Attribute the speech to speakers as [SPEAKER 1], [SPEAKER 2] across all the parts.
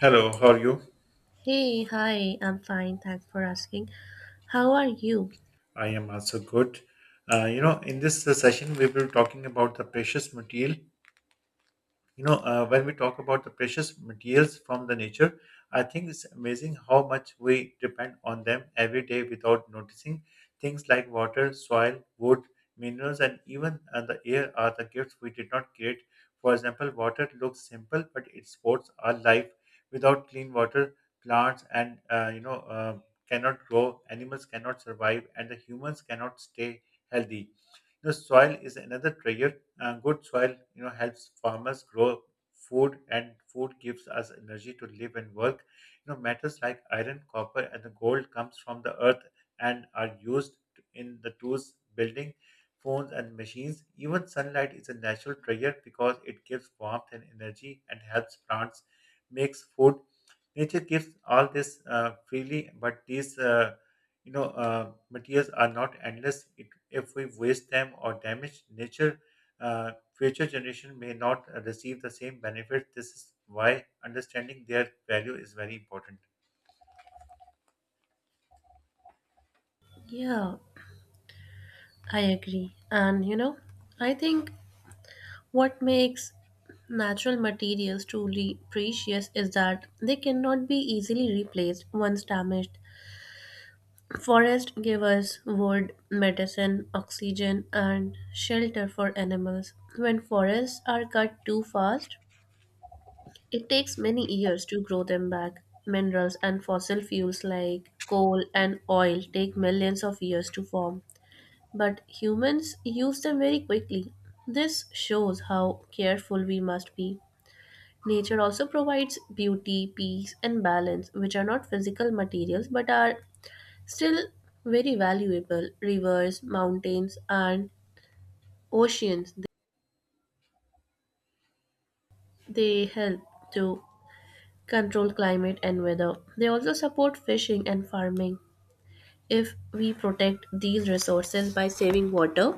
[SPEAKER 1] Hello, how are you?
[SPEAKER 2] Hey, hi, I'm fine. Thanks for asking. How are you?
[SPEAKER 1] I am also good. In this session, we will be talking about the precious material. When we talk about the precious materials from the nature, I think it's amazing how much we depend on them every day without noticing things like water, soil, wood, minerals and even the air are the gifts we did not create. For example, water looks simple but it supports our life. Without clean water, plants and you know cannot grow, animals cannot survive, and the humans cannot stay healthy. The soil is another treasure. Good soil, you know, helps farmers grow food, and food gives us energy to live and work. You know, metals like iron, copper, and the gold comes from the earth and are used in the tools, building, phones, and machines. Even sunlight is a natural trigger because it gives warmth and energy and helps plants makes food. Nature gives all this freely, but these materials are not endless. If we waste them or damage nature, future generation may not receive the same benefit. This is why understanding their value is very important.
[SPEAKER 2] Yeah, I agree. I think what makes natural materials truly precious is that they cannot be easily replaced once damaged. Forests give us wood, medicine, oxygen, and shelter for animals. When forests are cut too fast, it takes many years to grow them back. Minerals and fossil fuels like coal and oil take millions of years to form, but humans use them very quickly. This shows how careful we must be. Nature also provides beauty, peace, and balance, which are not physical materials but are still very valuable. Rivers, mountains, and oceans, they help to control climate and weather. They also support fishing and farming. If we protect these resources by saving water,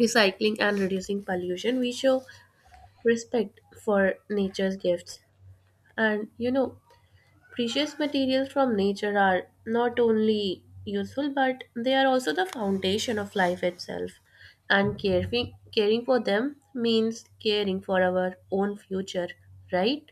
[SPEAKER 2] recycling, and reducing pollution, we show respect for nature's gifts. And you know, precious materials from nature are not only useful but they are also the foundation of life itself. And caring for them means caring for our own future, right?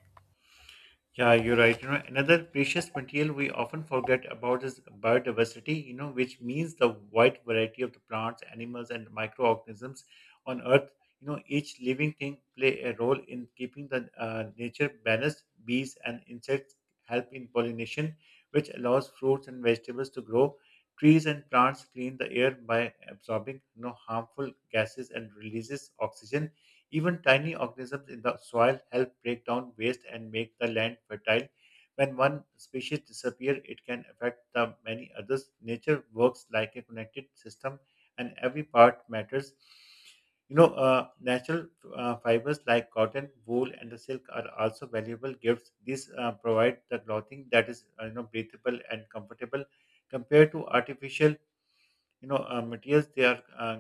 [SPEAKER 1] Yeah, you're right. You know, another precious material we often forget about is biodiversity, you know, which means the wide variety of the plants, animals, and microorganisms on Earth. You know, each living thing play a role in keeping the nature balanced. Bees and insects help in pollination, which allows fruits and vegetables to grow. Trees and plants clean the air by absorbing, you know, harmful gases and releases oxygen. Even tiny organisms in the soil help break down waste and make the land fertile. When one species disappears, it can affect the many others. Nature works like a connected system, and every part matters. Natural fibers like cotton, wool, and the silk are also valuable gifts. These provide the clothing that is, you know, breathable and comfortable compared to artificial, materials. They are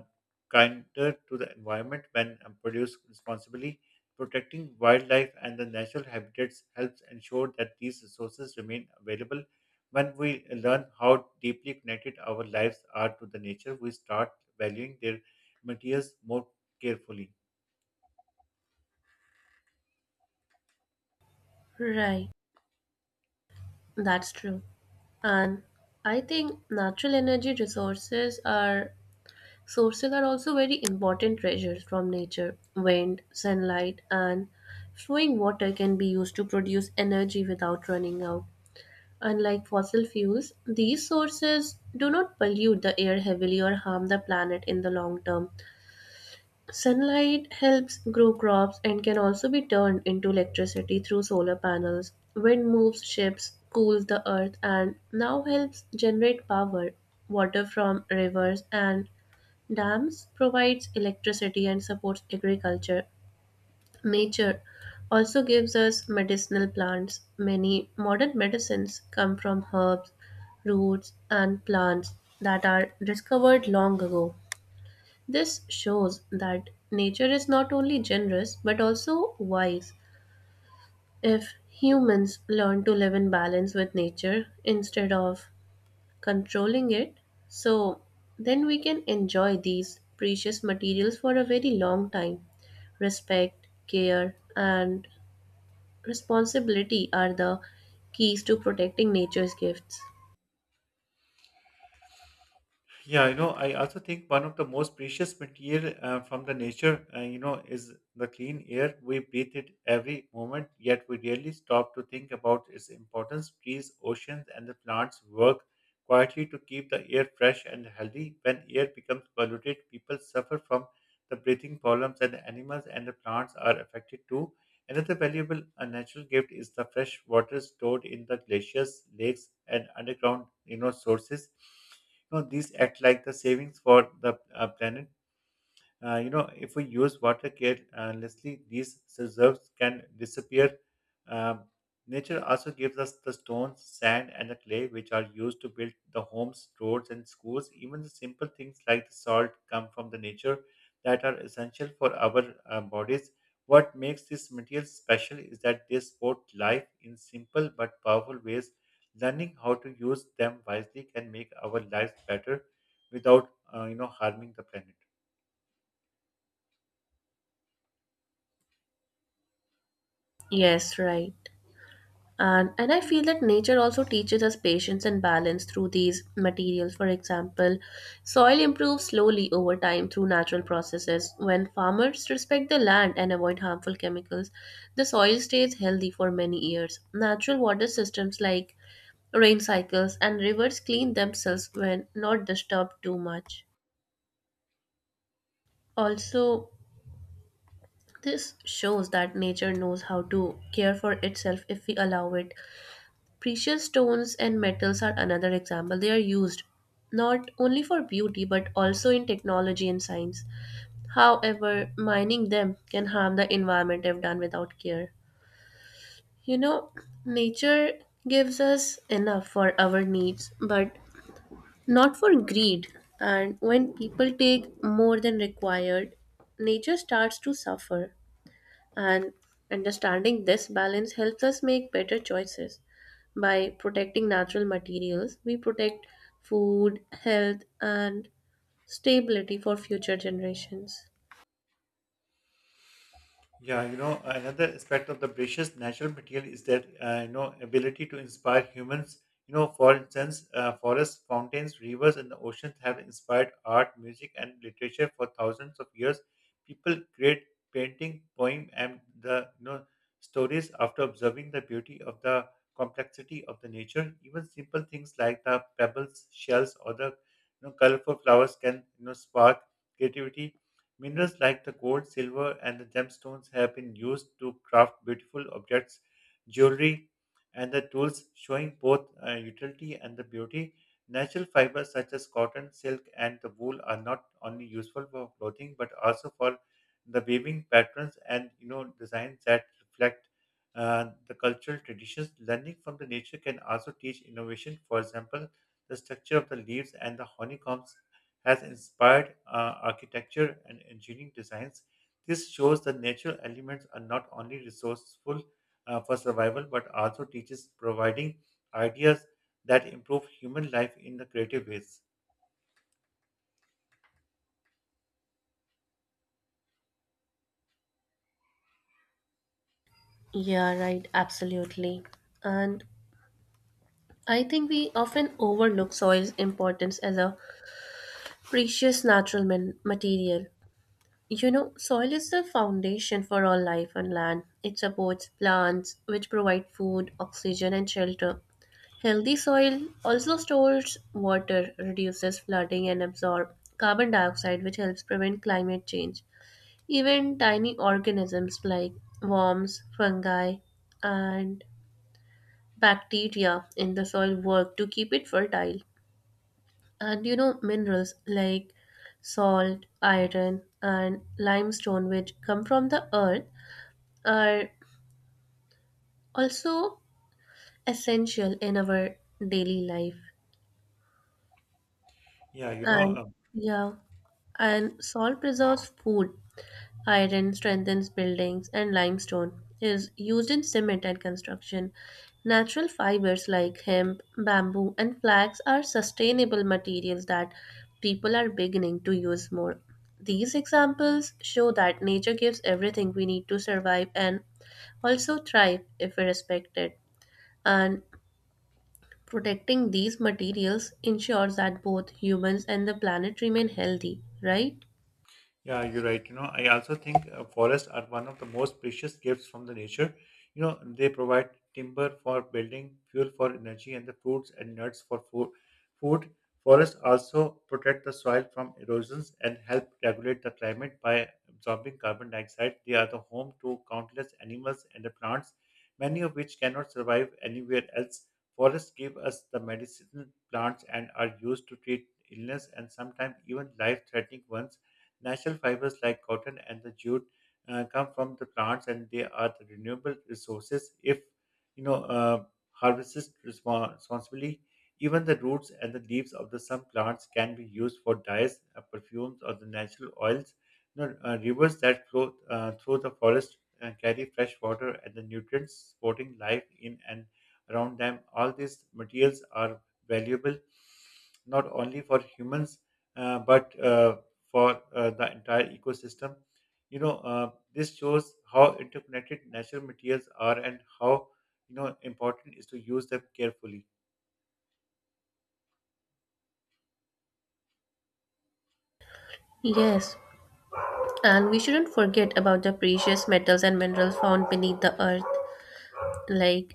[SPEAKER 1] kinder to the environment when produced responsibly. Protecting wildlife and the natural habitats helps ensure that these resources remain available. When we learn how deeply connected our lives are to the nature, we start valuing their materials more carefully.
[SPEAKER 2] Right, that's true. And I think natural energy resources are sources are also very important treasures from nature. Wind, sunlight, and flowing water can be used to produce energy without running out. Unlike fossil fuels, these sources do not pollute the air heavily or harm the planet in the long term. Sunlight helps grow crops and can also be turned into electricity through solar panels. Wind moves ships, cools the earth, and now helps generate power, water from rivers, and dams provides electricity and supports agriculture. Nature also gives us medicinal plants. Many modern medicines come from herbs, roots, and plants that are discovered long ago. This shows that nature is not only generous but also wise. If humans learn to live in balance with nature instead of controlling it, so then we can enjoy these precious materials for a very long time. Respect, care, and responsibility are the keys to protecting nature's gifts.
[SPEAKER 1] Yeah, you know, I also think one of the most precious material from the nature, is the clean air. We breathe it every moment, yet we rarely stop to think about its importance. Trees, oceans, and the plants work quietly to keep the air fresh and healthy. When air becomes polluted, people suffer from the breathing problems, and the animals and the plants are affected too. Another valuable natural gift is the fresh water stored in the glaciers, lakes, and underground, you know, sources. You know, these act like the savings for the planet. You know, if we use water carelessly, these reserves can disappear. Um, Nature also gives us the stones, sand, and the clay, which are used to build the homes, roads, and schools. Even the simple things like the salt come from the nature that are essential for our bodies. What makes these materials special is that they support life in simple but powerful ways. Learning how to use them wisely can make our lives better without, you know, harming the planet.
[SPEAKER 2] Yes, right. And I feel that nature also teaches us patience and balance through these materials. For example, soil improves slowly over time through natural processes. When farmers respect the land and avoid harmful chemicals, the soil stays healthy for many years. Natural water systems like rain cycles and rivers clean themselves when not disturbed too much. Also, this shows that nature knows how to care for itself if we allow it. Precious stones and metals are another example. They are used not only for beauty but also in technology and science. However, mining them can harm the environment if done without care. You know, nature gives us enough for our needs, but not for greed. And when people take more than required, nature starts to suffer. And understanding this balance helps us make better choices. By protecting natural materials, we protect food, health, and stability for future generations.
[SPEAKER 1] Yeah, you know, another aspect of the precious natural material is that, you know, ability to inspire humans. You know, for instance, forests, fountains, rivers, and the oceans have inspired art, music, and literature for thousands of years. People create painting, poem, and the, you know, stories after observing the beauty of the complexity of the nature. Even simple things like the pebbles, shells, or the, you know, colorful flowers can, you know, spark creativity. Minerals like the gold, silver, and the gemstones have been used to craft beautiful objects, jewelry, and the tools, showing both utility and the beauty. Natural fibers such as cotton, silk, and the wool are not only useful for clothing but also for the weaving patterns and, you know, designs that reflect the cultural traditions. Learning from the nature can also teach innovation. For example, the structure of the leaves and the honeycombs has inspired architecture and engineering designs. This shows that natural elements are not only resourceful for survival but also teaches providing ideas that improve human life in the creative ways.
[SPEAKER 2] Yeah, right, absolutely. And I think we often overlook soil's importance as a precious natural material. You know, soil is the foundation for all life on land. It supports plants, which provide food, oxygen, and shelter. Healthy soil also stores water, reduces flooding, and absorbs carbon dioxide, which helps prevent climate change. Even tiny organisms like worms, fungi, and bacteria in the soil work to keep it fertile. And you know, minerals like salt, iron, and limestone, which come from the earth, are also essential in our daily life.
[SPEAKER 1] Yeah, you know,
[SPEAKER 2] And
[SPEAKER 1] um,
[SPEAKER 2] yeah. And salt preserves food. Iron strengthens buildings, and limestone is used in cement and construction. Natural fibers like hemp, bamboo, and flax are sustainable materials that people are beginning to use more. These examples show that nature gives everything we need to survive and also thrive if we respect it. And protecting these materials ensures that both humans and the planet remain healthy, right?
[SPEAKER 1] Yeah, you're right. You know, I also think forests are one of the most precious gifts from the nature. You know, they provide timber for building, fuel for energy, and the fruits and nuts for food. Food Forests also protect the soil from erosions and help regulate the climate by absorbing carbon dioxide. They are the home to countless animals and the plants, many of which cannot survive anywhere else. Forests give us the medicinal plants and are used to treat illness and sometimes even life-threatening ones. Natural fibers like cotton and the jute come from the plants and they are the renewable resources if, you know uh, harvested responsibly. Even the roots and the leaves of the some plants can be used for dyes, perfumes, or the natural oils. You know, rivers that flow through the forest carry fresh water and the nutrients supporting life in and around them. All these materials are valuable not only for humans, but for the entire ecosystem. You know, this shows how interconnected natural materials are and how, you know, important is to use them carefully.
[SPEAKER 2] Yes, and we shouldn't forget about the precious metals and minerals found beneath the earth, like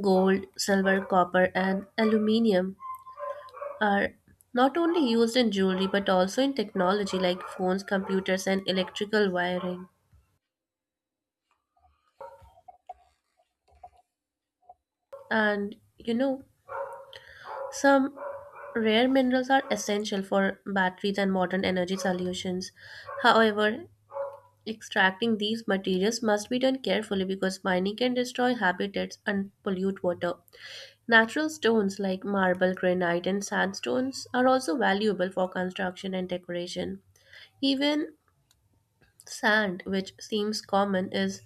[SPEAKER 2] gold, silver, copper, and aluminium, are not only used in jewelry but also in technology like phones, computers, and electrical wiring. And you know, some rare minerals are essential for batteries and modern energy solutions. However, extracting these materials must be done carefully because mining can destroy habitats and pollute water. Natural stones like marble, granite, and sandstones are also valuable for construction and decoration. Even sand, which seems common, is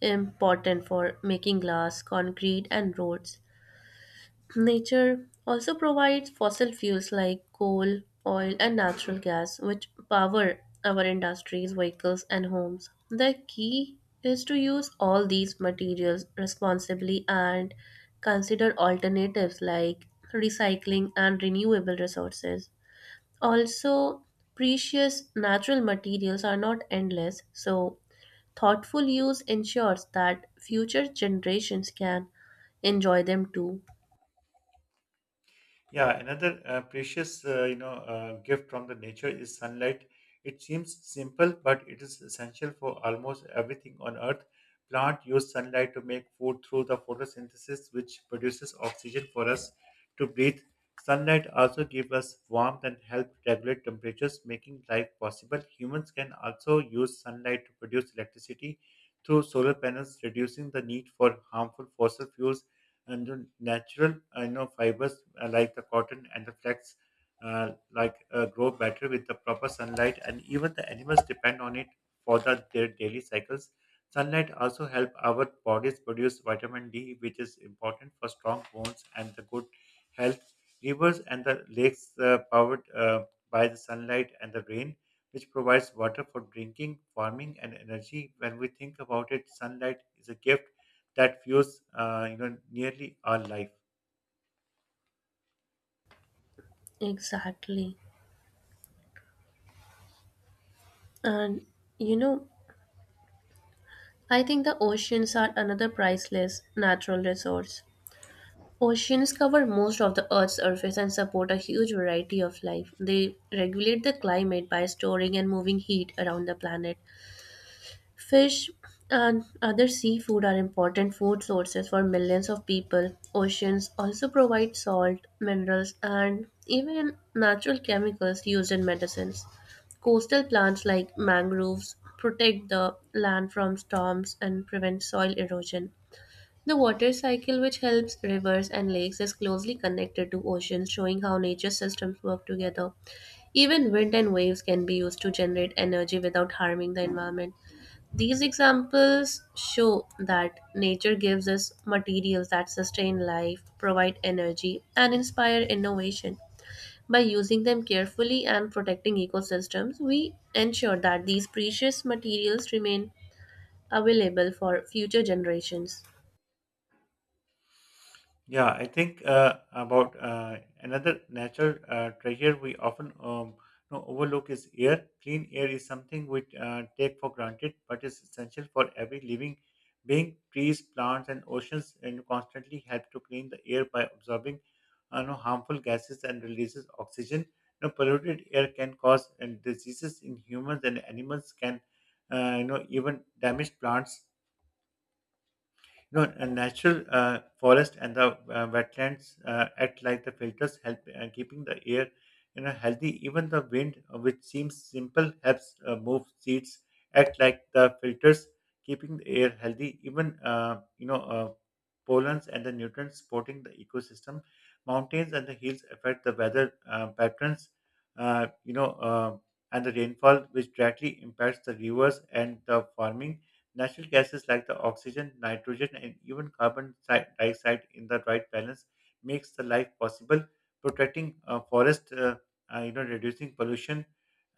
[SPEAKER 2] important for making glass, concrete, and roads. Nature also provides fossil fuels like coal, oil, and natural gas, which power our industries, vehicles, and homes. The key is to use all these materials responsibly and consider alternatives like recycling and renewable resources. Also, precious natural materials are not endless, so thoughtful use ensures that future generations can enjoy them too.
[SPEAKER 1] Yeah, another precious, gift from the nature is sunlight. It seems simple, but it is essential for almost everything on Earth. Plants use sunlight to make food through the photosynthesis, which produces oxygen for us to breathe. Sunlight also gives us warmth and help regulate temperatures, making life possible. Humans can also use sunlight to produce electricity through solar panels, reducing the need for harmful fossil fuels, and the natural I know fibers like the cotton and the flax, grow better with the proper sunlight, and even the animals depend on it for their daily cycles. Sunlight also help our bodies produce vitamin D, which is important for strong bones and the good health. Rivers and the lakes powered, by the sunlight and the rain, which provides water for drinking, farming, and energy. When we think about it, sunlight is a gift that fuels, you know, nearly our life.
[SPEAKER 2] Exactly. And you know, I think the oceans are another priceless natural resource. Oceans cover most of the Earth's surface and support a huge variety of life. They regulate the climate by storing and moving heat around the planet. Fish and other seafood are important food sources for millions of people. Oceans also provide salt, minerals, and even natural chemicals used in medicines. Coastal plants like mangroves protect the land from storms and prevent soil erosion. The water cycle, which helps rivers and lakes, is closely connected to oceans, showing how nature systems work together. Even wind and waves can be used to generate energy without harming the environment. These examples show that nature gives us materials that sustain life, provide energy, and inspire innovation. By using them carefully and protecting ecosystems, we ensure that these precious materials remain available for future generations.
[SPEAKER 1] Yeah, I think about another natural treasure we often, you know, overlook is air. Clean air is something we take for granted, but is essential for every living being. Trees, plants, and oceans and constantly help to clean the air by absorbing, you know, harmful gases and releases oxygen. You know, polluted air can cause and diseases in humans and animals can, you know, even damage plants. No, a natural forest and the wetlands act like the filters, help keeping the air, you know, healthy. Even the wind, which seems simple, helps move seeds. Act like the filters, keeping the air healthy. Even, pollens and the nutrients supporting the ecosystem. Mountains and the hills affect the weather patterns, uh, you know, uh, and the rainfall, which directly impacts the rivers and the farming. Natural gases like the oxygen, nitrogen, and even dioxide in the right balance makes the life possible. Protecting forest, reducing pollution,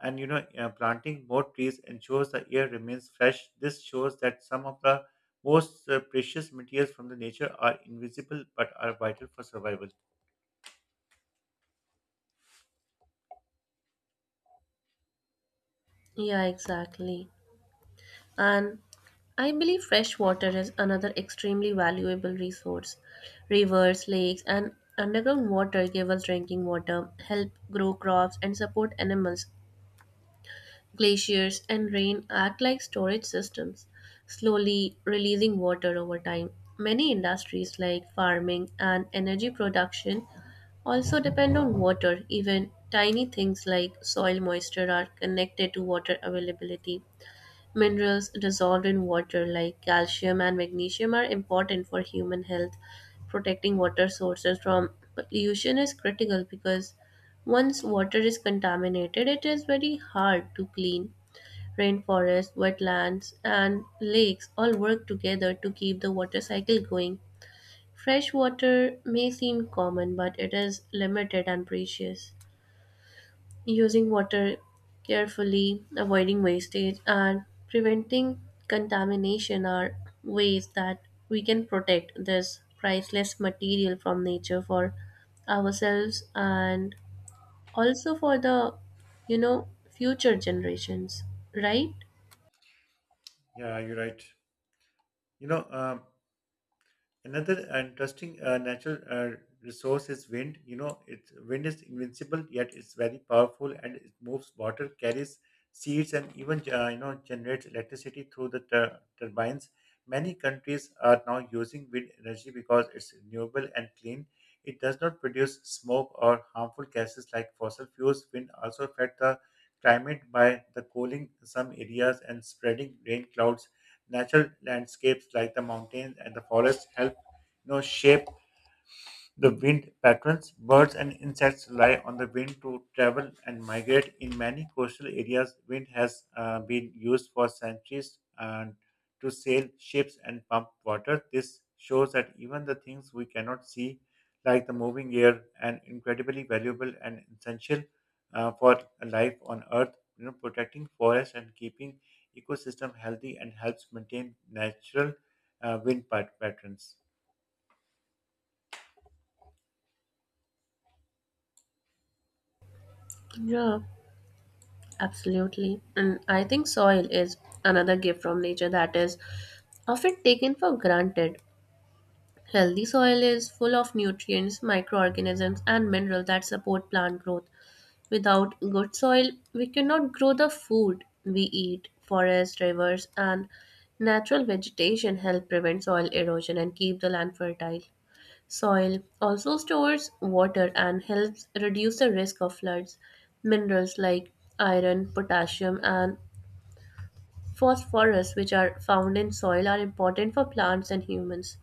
[SPEAKER 1] and, planting more trees ensures the air remains fresh. This shows that some of the most precious materials from the nature are invisible but are vital for survival.
[SPEAKER 2] Yeah, exactly. And I believe fresh water is another extremely valuable resource. Rivers, lakes, and underground water give us drinking water, help grow crops, and support animals. Glaciers and rain act like storage systems, slowly releasing water over time. Many industries like farming and energy production also depend on water. Even tiny things like soil moisture are connected to water availability. Minerals dissolved in water, like calcium and magnesium, are important for human health. Protecting water sources from pollution is critical because once water is contaminated, it is very hard to clean. Rainforests, wetlands, and lakes all work together to keep the water cycle going. Fresh water may seem common, but it is limited and precious. Using water carefully, avoiding wastage, and preventing contamination are ways that we can protect this priceless material from nature for ourselves and also for the, you know, future generations, right?
[SPEAKER 1] Yeah, you're right. You know, um, Another interesting natural resource is wind. You know, wind is invincible, yet it's very powerful, and it moves water, carries seeds, and even, you know, generates electricity through the turbines. Many countries are now using wind energy because it's renewable and clean. It does not produce smoke or harmful gases like fossil fuels. Wind also affects the climate by the cooling some areas and spreading rain clouds. Natural landscapes like the mountains and the forests help, you know, shape the wind patterns. Birds and insects rely on the wind to travel and migrate. In many coastal areas, wind has been used for centuries and to sail ships and pump water. This shows that even the things we cannot see, like the moving air, and incredibly valuable and essential for life on Earth. You know, protecting forests and keeping ecosystem healthy and helps maintain natural wind patterns.
[SPEAKER 2] Yeah, absolutely. And I think soil is another gift from nature that is often taken for granted. Healthy soil is full of nutrients, microorganisms, and minerals that support plant growth. Without good soil, we cannot grow the food we eat. Forests, rivers, and natural vegetation help prevent soil erosion and keep the land fertile. Soil also stores water and helps reduce the risk of floods. Minerals like iron, potassium, and phosphorus, which are found in soil, are important for plants and humans.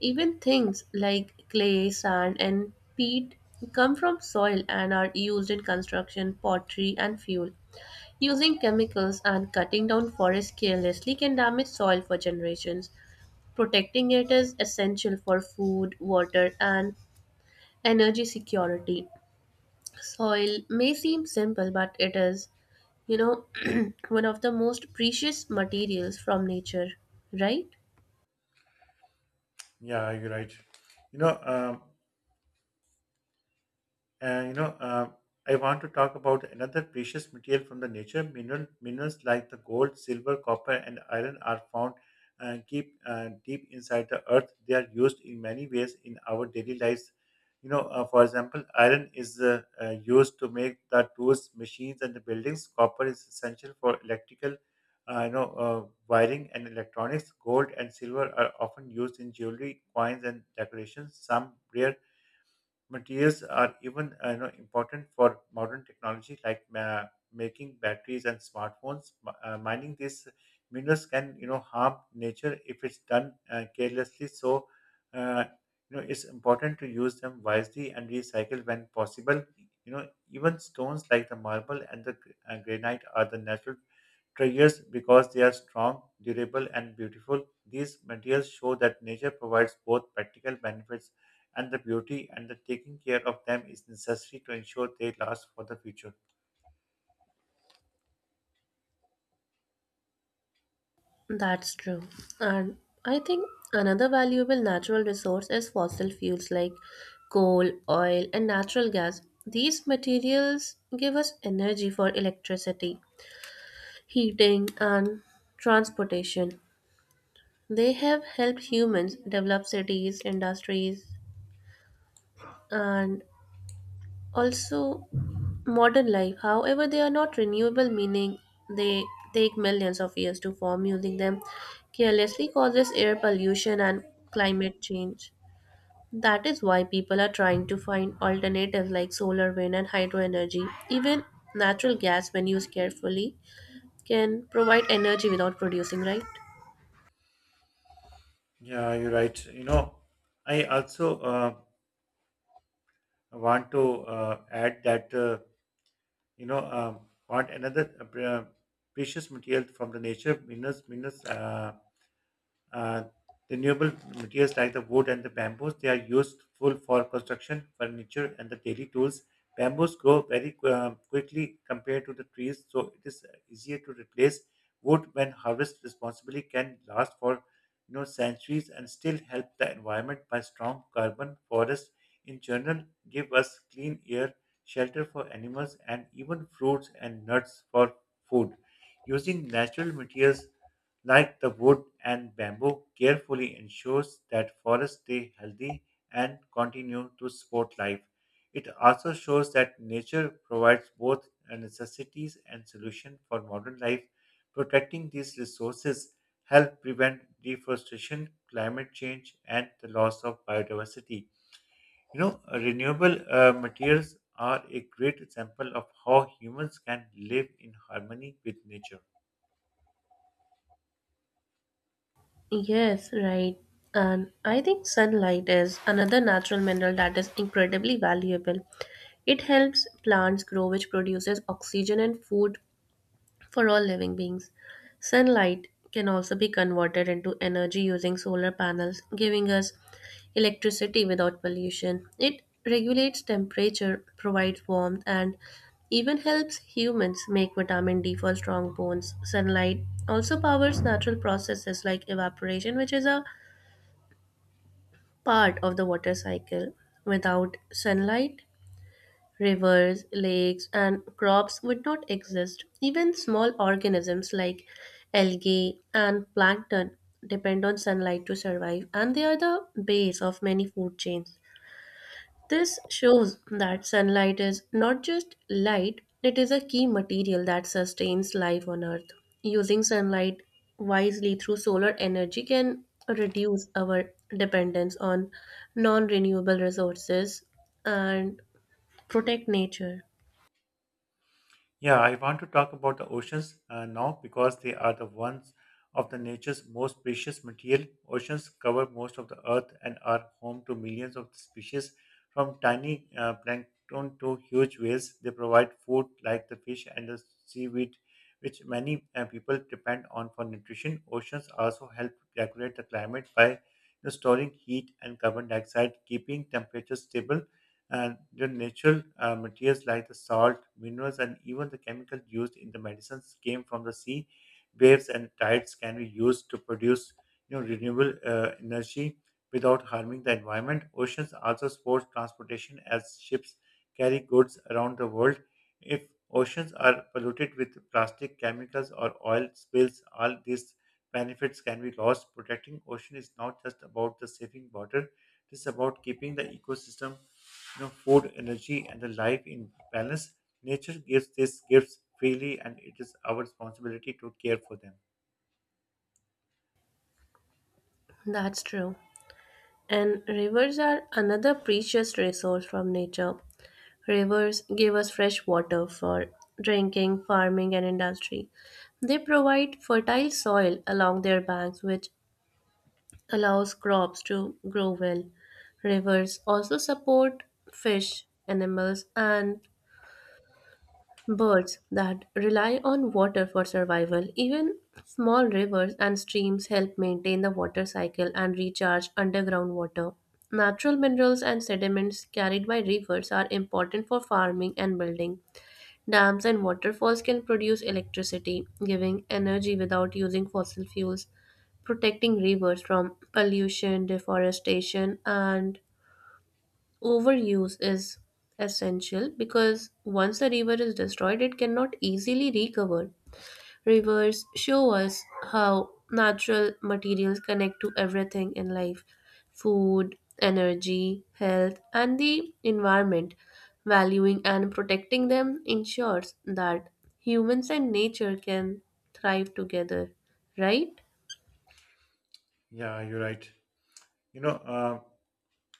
[SPEAKER 2] Even things like clay, sand, and peat come from soil and are used in construction, pottery, and fuel. Using chemicals and cutting down forests carelessly can damage soil for generations. Protecting it is essential for food, water, and energy security. Soil may seem simple, but it is, you know one of the most precious materials from nature, right?
[SPEAKER 1] Yeah, you're right. You know, um, uh, you know, uh, I want to talk about another precious material from the nature. Minerals like the gold, silver, copper, and iron are found deep, deep inside the earth. They are used in many ways in our daily lives. For example, iron is used to make the tools, machines, and the buildings. Copper is essential for electrical, uh, you know, uh, wiring and electronics. Gold and silver are often used in jewelry, coins, and decorations. Some rare materials are even important for modern technology like making batteries and smartphones. Mining these minerals can harm nature if it's done carelessly. So uh, it's important to use them wisely and recycle when possible. You know Even stones like the marble and the granite are the natural treasures because they are strong, durable, and beautiful. These materials show that nature provides both practical benefits and the beauty, and the taking care of them is necessary to ensure they last for the future.
[SPEAKER 2] That's true. And I think another valuable natural resource is fossil fuels like coal, oil, and natural gas. These materials give us energy for electricity, heating, and transportation. They have helped humans develop cities, industries, and also modern life. However, they are not renewable, meaning they take millions of years to form. Using them carelessly causes air pollution and climate change. That is why people are trying to find alternatives like solar, wind, and hydro energy. Even natural gas, when used carefully, can provide energy without producing, right?
[SPEAKER 1] Yeah, you're right. I also want to add that you know um, want another precious material from the nature. Minerals. Uh, Renewable materials like the wood and the bamboos, they are useful for construction, furniture, and the daily tools. Bamboos grow very quickly compared to the trees, so it is easier to replace. Wood, when harvested responsibly, can last for centuries and still help the environment by strong carbon. Forests, in general, give us clean air, shelter for animals, and even fruits and nuts for food. Using natural materials like the wood and bamboo, carefully ensures that forests stay healthy and continue to support life. It also shows that nature provides both necessities and solution for modern life. Protecting these resources help prevent deforestation, climate change, and the loss of biodiversity. Renewable materials are a great example of how humans can live in harmony with nature.
[SPEAKER 2] Yes, right. And I think sunlight is another natural mineral that is incredibly valuable. It helps plants grow, which produces oxygen and food for all living beings. Sunlight can also be converted into energy using solar panels, giving us electricity without pollution. It regulates temperature, provides warmth, and even helps humans make vitamin D for strong bones. Sunlight also powers natural processes like evaporation, which is a part of the water cycle. Without sunlight, rivers, lakes, and crops would not exist. Even small organisms like algae and plankton depend on sunlight to survive, and they are the base of many food chains. This shows that sunlight is not just light, it is a key material that sustains life on Earth. Using sunlight wisely through solar energy can reduce our dependence on non renewable resources and protect nature.
[SPEAKER 1] Yeah, I want to talk about the oceans now because they are the ones of the nature's most precious material. Oceans cover most of the earth and are home to millions of species, from tiny plankton to huge whales. They provide food like the fish and the seaweed, which many people depend on for nutrition. Oceans also help regulate the climate by storing heat and carbon dioxide, keeping temperatures stable and the natural materials like the salt, minerals, and even the chemicals used in the medicines came from the sea. Waves and tides can be used to produce renewable energy without harming the environment. Oceans also support transportation as ships carry goods around the world. If oceans are polluted with plastic, chemicals, or oil spills, all these benefits can be lost. Protecting ocean is not just about the saving water; it is about keeping the ecosystem food, energy, and a life in balance. Nature gives these gifts freely, and it is our responsibility to care for them.
[SPEAKER 2] That's true. And rivers are another precious resource from nature. Rivers give us fresh water for drinking, farming, and industry. They provide fertile soil along their banks, which allows crops to grow well. Rivers also support fish, animals, and birds that rely on water for survival. Even small rivers and streams help maintain the water cycle and recharge underground water. Natural minerals and sediments carried by rivers are important for farming and building. Dams and waterfalls can produce electricity, giving energy without using fossil fuels. Protecting rivers from pollution, deforestation, and overuse is essential because once the river is destroyed, it cannot easily recover. Rivers show us how natural materials connect to everything in life: food, energy, health, and the environment. Valuing and protecting them ensures that humans and nature can thrive together, right?
[SPEAKER 1] Yeah, you're right. You know, uh,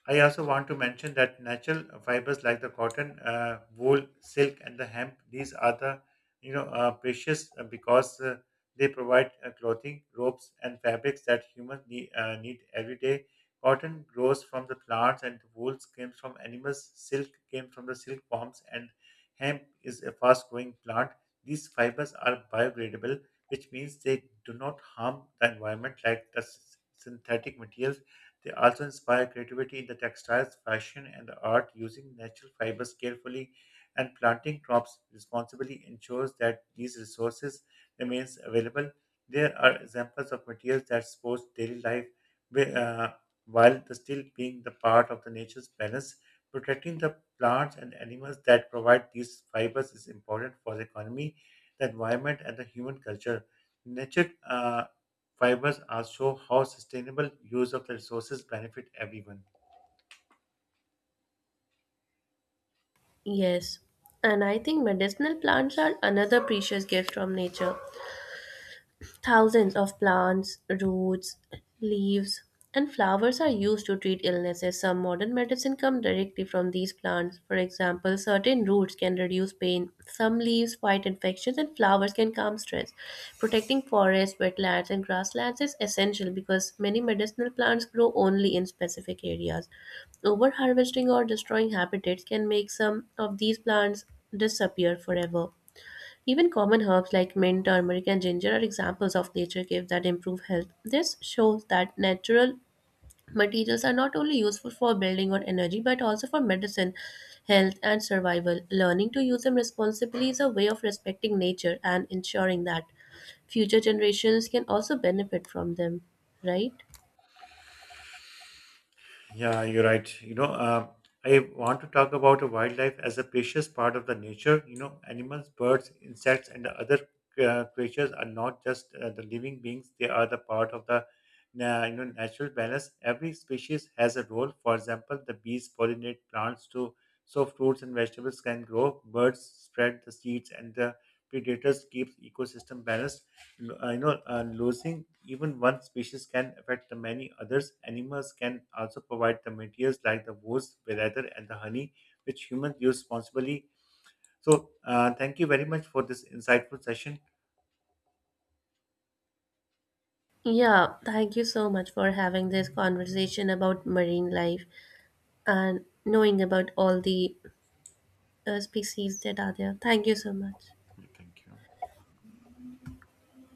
[SPEAKER 1] I also want to mention that natural fibers like the cotton, wool, silk, and the hemp, these are the precious because they provide clothing, ropes, and fabrics that humans need every day. Cotton grows from the plants, and wool comes from animals. Silk came from the silkworms, and hemp is a fast-growing plant. These fibers are biodegradable, which means they do not harm the environment like the synthetic materials they also inspire creativity in the textiles, fashion, and the art, using natural fibers carefully and planting crops responsibly ensures that these resources remains available. There are examples of materials that support daily life wi- uh, while the still being the part of the nature's balance. Protecting the plants and animals that provide these fibers is important for the economy, the environment, and the human culture. Nature fibers are show how sustainable use of the resources benefit everyone.
[SPEAKER 2] Yes, and I think medicinal plants are another precious gift from nature. Thousands of plants, roots, leaves, and flowers are used to treat illnesses. Some modern medicine come directly from these plants. For example, certain roots can reduce pain, some leaves fight infections, and flowers can calm stress. Protecting forests, wetlands, and grasslands is essential because many medicinal plants grow only in specific areas. Over harvesting or destroying habitats can make some of these plants disappear forever. Even common herbs like mint, turmeric, and ginger are examples of nature gifts that improve health. This shows that natural materials are not only useful for building or energy but also for medicine, health, and survival. Learning to use them responsibly is a way of respecting nature and ensuring that future generations can also benefit from them, right?
[SPEAKER 1] Yeah, you're right. I want to talk about the wildlife as a precious part of the nature. You know, animals, birds, insects, and the other creatures are not just the living beings; they are the part of the natural balance. Every species has a role. For example, the bees pollinate plants to so fruits and vegetables can grow. Birds spread the seeds, and the predators keep ecosystem balanced. I know losing even one species can affect the many others. Animals can also provide the materials like the woes, leather, and the honey, which humans use responsibly. So, thank you very much for this insightful session.
[SPEAKER 2] Yeah, thank you so much for having this conversation about marine life and knowing about all the species that are there. Thank you so much.
[SPEAKER 1] Thank you.